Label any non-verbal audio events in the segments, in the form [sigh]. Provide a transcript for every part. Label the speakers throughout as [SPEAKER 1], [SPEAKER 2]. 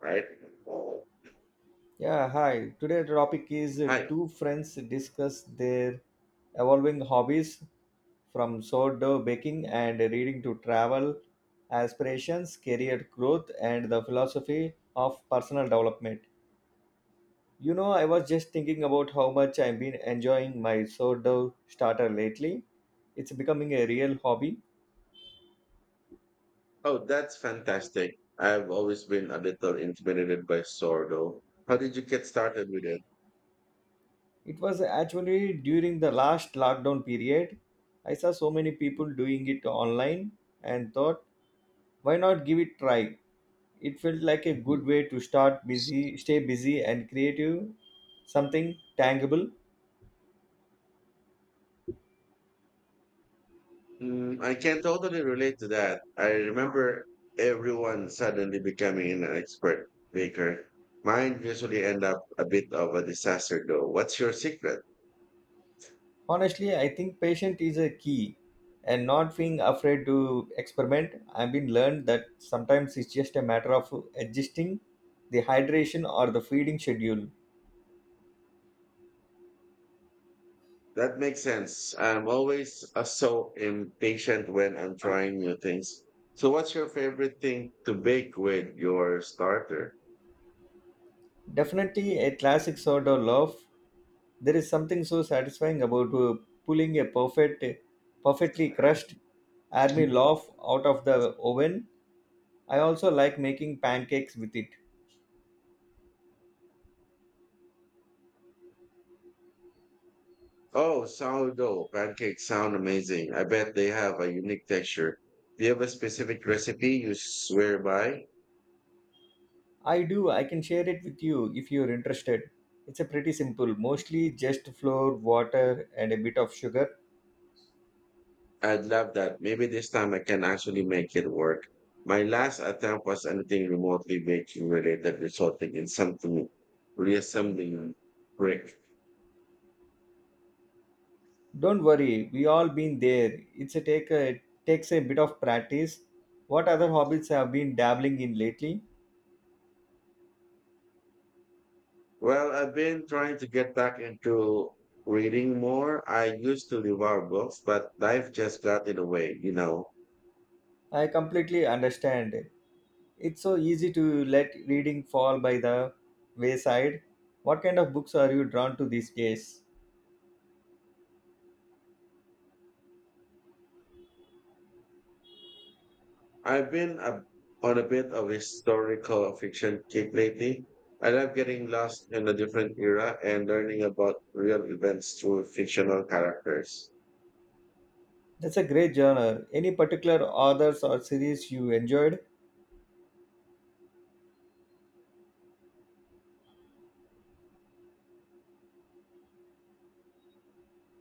[SPEAKER 1] Right?
[SPEAKER 2] Yeah, hi. Today topic is
[SPEAKER 1] Hi.
[SPEAKER 2] two friends discuss their evolving hobbies from sourdough baking and reading to travel, aspirations, career growth, and the philosophy of personal development. You know, I was just thinking about how much I've been enjoying my sourdough starter lately. It's becoming a real hobby.
[SPEAKER 1] Oh, that's fantastic. I've always been a little intimidated by sourdough. How did you get started with it?
[SPEAKER 2] It was actually during the last lockdown period. I saw so many people doing it online and thought, why not give it try? It felt like
[SPEAKER 1] [laughs]
[SPEAKER 2] a good
[SPEAKER 1] Mhm.
[SPEAKER 2] way to start busy stay busy and creative something tangible.
[SPEAKER 1] Mm, I can totally relate to that. I remember everyone suddenly becoming an expert baker. Mine usually end up a bit of a disaster though. What's your secret?
[SPEAKER 2] Honestly, I think patient is a key and not being afraid to experiment. I've been learned that sometimes it's just a matter of adjusting the hydration or the feeding schedule.
[SPEAKER 1] That makes sense. I'm always so impatient when I'm trying new things. So what's your favorite thing to bake with your starter?
[SPEAKER 2] Definitely a classic sort of love. There is something so satisfying about pulling a perfectly crushed army loaf out of the oven. I also like making pancakes with it.
[SPEAKER 1] Oh, sourdough pancakes sound amazing. I bet they have a unique texture. Do you have a specific recipe you swear by?
[SPEAKER 2] I do, I can share it with you if you're interested. It's a pretty simple, mostly just flour, water and a bit of sugar.
[SPEAKER 1] I'd love that. Maybe this time I can actually make it work. My last attempt was anything remotely baking related, resulting in something reassembling brick.
[SPEAKER 2] Don't worry, we all been there. It's takes a bit of practice. What other hobbies have been dabbling in lately?
[SPEAKER 1] Well, I've been trying to get back into reading more. I used to devour books, but life just got in the way.
[SPEAKER 2] I completely understand. It's so easy to let reading fall by the wayside. What kind of books are you drawn to these days?
[SPEAKER 1] I've been a, on a bit of historical fiction kick lately. I love getting lost in a different era and learning about real events through fictional characters.
[SPEAKER 2] That's a great genre. Any particular authors or series you enjoyed?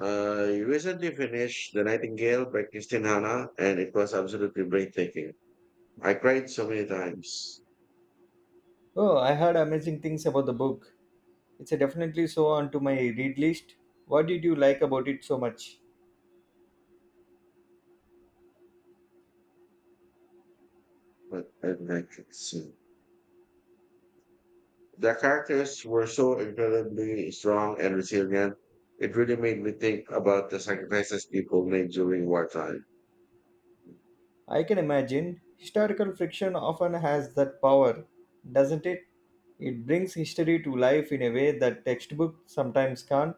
[SPEAKER 1] I recently finished The Nightingale by Christine Hanna, and it was absolutely breathtaking. I cried so many times,
[SPEAKER 2] Oh, I heard amazing things about the book. It's a definitely so onto my read list. What did you like about it so much?
[SPEAKER 1] but I like it. So. The characters were so incredibly strong and resilient. It really made me think about the sacrifices people made during wartime.
[SPEAKER 2] I can imagine historical fiction often has that power, doesn't it? It brings history to life in a way that textbook sometimes can't.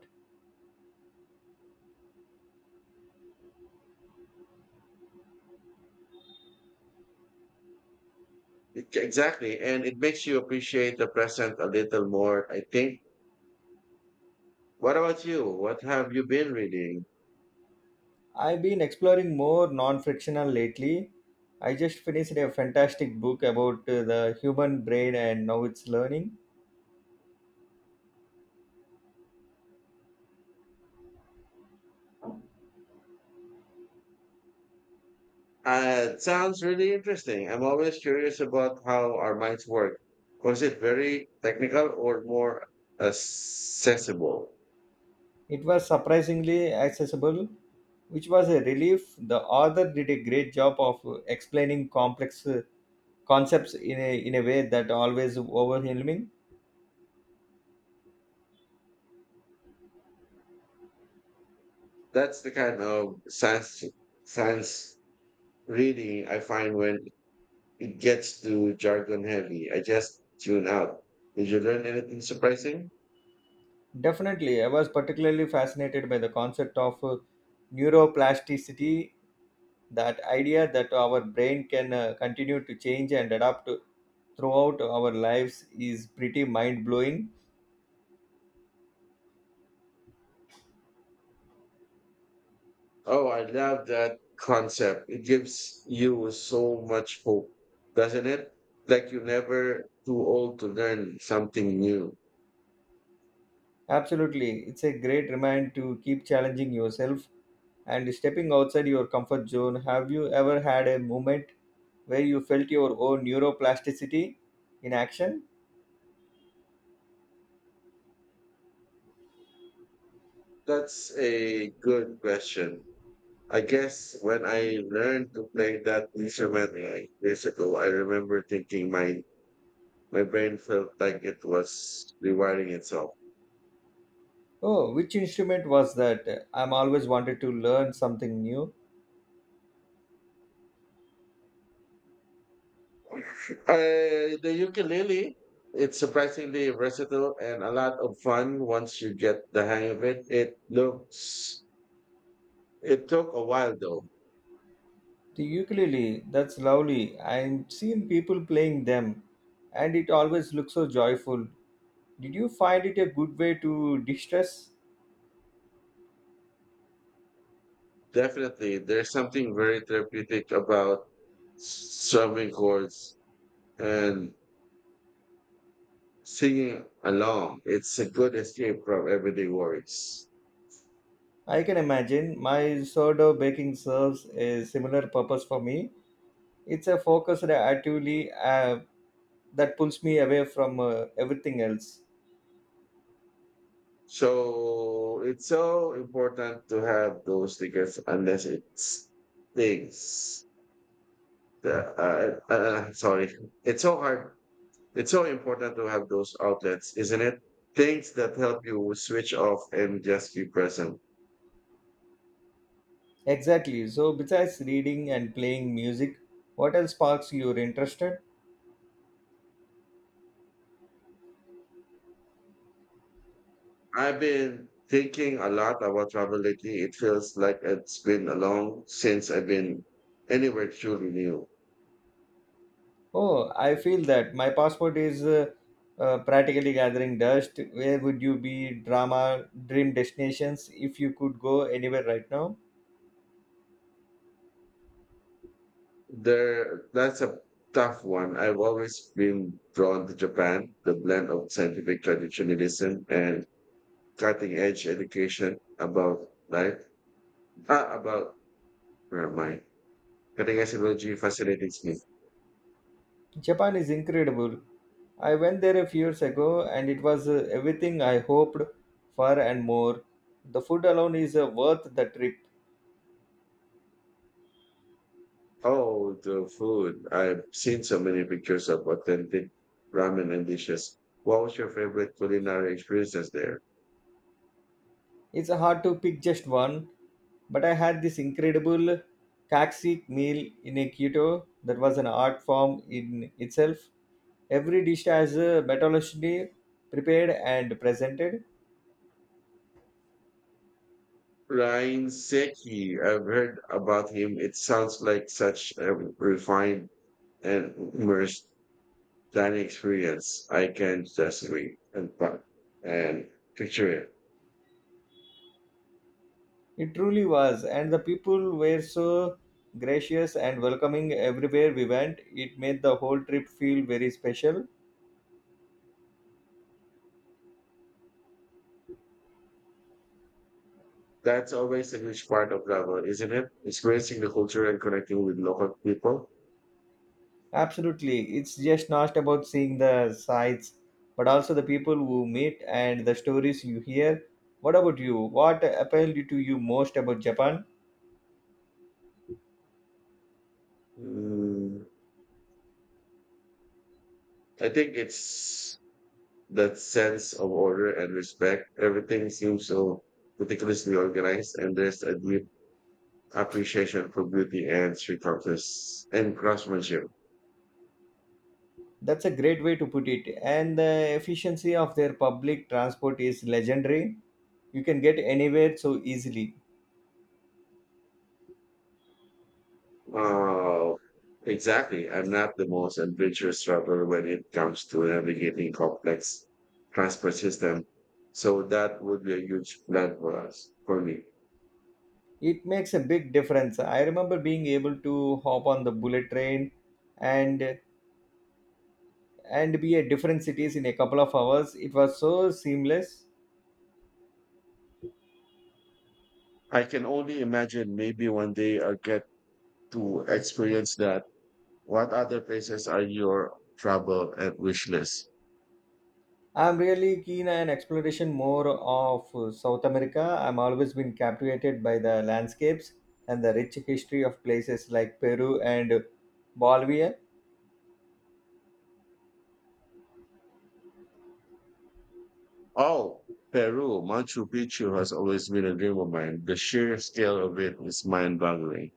[SPEAKER 1] Exactly. And it makes you appreciate the present a little more, I think. What about you? What have you been reading?
[SPEAKER 2] I've been exploring more non-fictional lately. I just finished a fantastic book about the human brain and now it's learning.
[SPEAKER 1] It sounds really interesting. I'm always curious about how our minds work. Was it very technical or more accessible?
[SPEAKER 2] It was surprisingly accessible which was a relief. The author did a great job of explaining complex concepts in a way that always overwhelming.
[SPEAKER 1] That's the kind of science reading I find when it gets too jargon heavy. I just tune out. Did you learn anything surprising?
[SPEAKER 2] Definitely, I was particularly fascinated by the concept of neuroplasticity, that idea that our brain can continue to change and adapt throughout our lives is pretty mind blowing.
[SPEAKER 1] Oh, I love that concept. It gives you so much hope, doesn't it? Like you're never too old to learn something new.
[SPEAKER 2] Absolutely, it's a great reminder to keep challenging yourself and stepping outside your comfort zone. Have you ever had a moment where you felt your own neuroplasticity in action?
[SPEAKER 1] That's a good question. I guess when I learned to play that instrument like years ago, I remember thinking my brain felt like it was rewiring itself.
[SPEAKER 2] Oh, which instrument was that? I'm always wanted to learn something new.
[SPEAKER 1] The ukulele, it's surprisingly versatile and a lot of fun once you get the hang of it. It took a while though.
[SPEAKER 2] The ukulele, that's lovely. I've seen people playing them, and it always looks so joyful. Did you find it a good way to distress?
[SPEAKER 1] Definitely, there's something very therapeutic about strumming chords and singing along, it's a good escape from everyday worries.
[SPEAKER 2] I can imagine my sourdough baking serves a similar purpose for me. It's a focused actively that pulls me away from everything else.
[SPEAKER 1] So it's so important to have those tickets unless it's things that, sorry, it's so hard. It's so important to have those outlets, isn't it? Things that help you switch off and just be present.
[SPEAKER 2] Exactly. So, besides reading and playing music, what else sparks your interest?
[SPEAKER 1] I've been thinking a lot about travel lately. It feels like it's been long since I've been anywhere truly new.
[SPEAKER 2] Oh, I feel that my passport is practically gathering dust. Where would you be? Drama, dream destinations, if you could go anywhere right now?
[SPEAKER 1] That's a tough one. I've always been drawn to Japan, the blend of scientific traditionalism and cutting edge education about life. About where am I? Cutting edge technology fascinates me.
[SPEAKER 2] Japan is incredible. I went there a few years ago and it was everything I hoped for and more. The food alone is worth the trip.
[SPEAKER 1] Oh, the food. I've seen so many pictures of authentic ramen and dishes. What was your favorite culinary experiences there?
[SPEAKER 2] It's hard to pick just one, but I had this incredible kaksik meal in a keto that was an art form in itself. Every dish has a methodology prepared and presented.
[SPEAKER 1] Ryan Seki. I've heard about him. It sounds like such a refined and immersed that experience. I can just read and part and picture it.
[SPEAKER 2] It truly was, and the people were so gracious and welcoming everywhere we went. It made the whole trip feel very special.
[SPEAKER 1] That's always a huge part of travel, isn't it? Experiencing the culture and connecting with local people.
[SPEAKER 2] Absolutely. It's just not about seeing the sights, but also the people who meet and the stories you hear. What about you? What appealed to you most about Japan?
[SPEAKER 1] Mm, I think it's that sense of order and respect. Everything seems so meticulously organized, and there's a deep appreciation for beauty and street artists and craftsmanship.
[SPEAKER 2] That's a great way to put it. And the efficiency of their public transport is legendary. You can get anywhere so easily.
[SPEAKER 1] Uh, exactly. I'm not the most adventurous traveler when it comes to navigating complex transport system. So that would be a huge plan for me.
[SPEAKER 2] It makes a big difference. I remember being able to hop on the bullet train and and be at different cities in a couple of hours. It was so seamless.
[SPEAKER 1] I can only imagine maybe one day I'll get to experience that. What other places are your travel and wish list?
[SPEAKER 2] I'm really keen on exploration more of South America. I'm always been captivated by the landscapes and the rich history of places like Peru and Bolivia.
[SPEAKER 1] Oh, Peru, Machu Picchu has always been a dream of mine. The sheer scale of it is mind-boggling.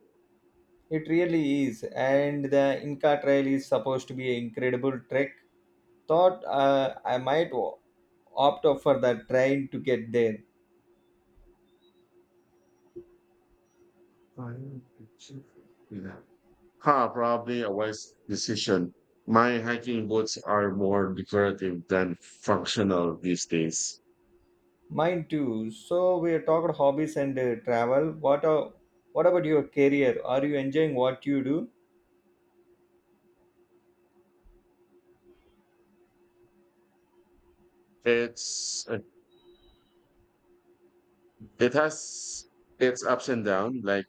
[SPEAKER 2] It really is, and the Inca Trail is supposed to be an incredible trek. Thought I might opt for the train to get there.
[SPEAKER 1] Fine. Huh, probably a wise decision. My hiking boots are more decorative than functional these days.
[SPEAKER 2] Mine too. So we talked hobbies and travel. What about your career? Are you enjoying what you do?
[SPEAKER 1] It's it has its ups and downs, like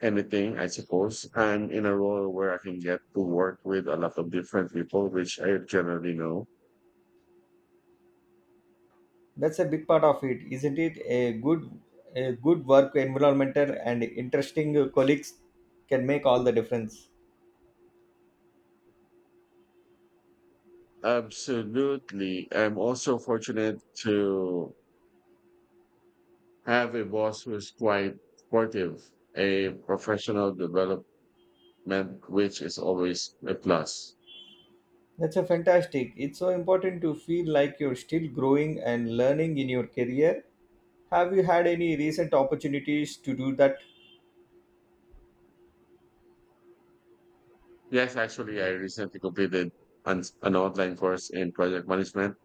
[SPEAKER 1] anything, I suppose. I'm in a role where I can get to work with a lot of different people, which I generally know.
[SPEAKER 2] That's a big part of it, isn't it? A good work environment and interesting colleagues can make all the difference.
[SPEAKER 1] Absolutely. I'm also fortunate to have a boss who's quite supportive, a professional development, which is always a plus.
[SPEAKER 2] That's a fantastic. It's so important to feel like you're still growing and learning in your career. Have you had any recent opportunities to do that?
[SPEAKER 1] Yes, actually, I recently completed an online course in project management.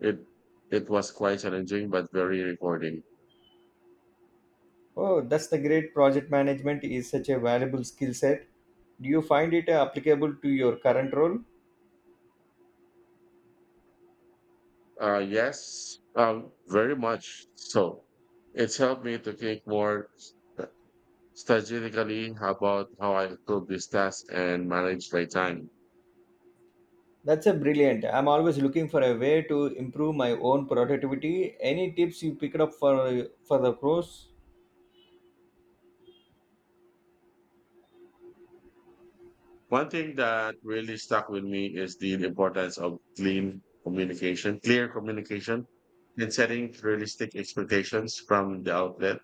[SPEAKER 1] It it was quite challenging but very rewarding.
[SPEAKER 2] Oh, that's the great project management is such a valuable skill set. Do you find it applicable to your current role?
[SPEAKER 1] Yes, very much so. It's helped me to think more strategically about how I could this task and manage my time.
[SPEAKER 2] That's a brilliant. I'm always looking for a way to improve my own productivity. Any tips you picked up for the course?
[SPEAKER 1] One thing that really stuck with me is the importance of clean communication, clear communication, and setting realistic expectations from the outlet.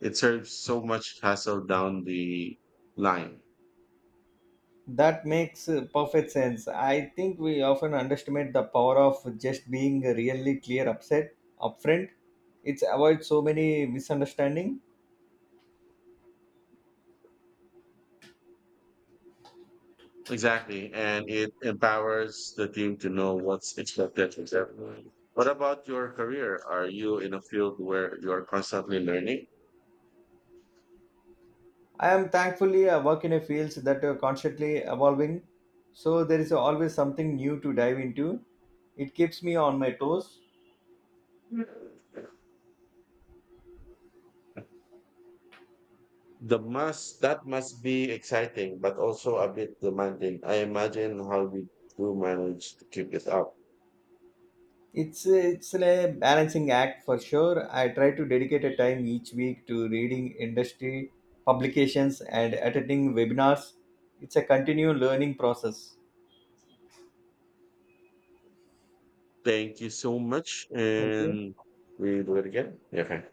[SPEAKER 1] It serves so much hassle down the line.
[SPEAKER 2] That makes perfect sense. I think we often underestimate the power of just being really clear upset upfront. It's avoids so many misunderstanding.
[SPEAKER 1] Exactly. And it empowers the team to know what's expected from them. What about your career? Are you in a field where you're constantly learning?
[SPEAKER 2] I am thankfully I work in a field that are constantly evolving, so there is always something new to dive into. It keeps me on my toes.
[SPEAKER 1] The must that must be exciting, but also a bit demanding. I imagine how we do manage to keep it up.
[SPEAKER 2] It's a balancing act for sure. I try to dedicate a time each week to reading industry publications and attending webinars. It's a continued learning process.
[SPEAKER 1] Thank you so much,
[SPEAKER 2] Thank you.
[SPEAKER 1] and we do it again. Okay.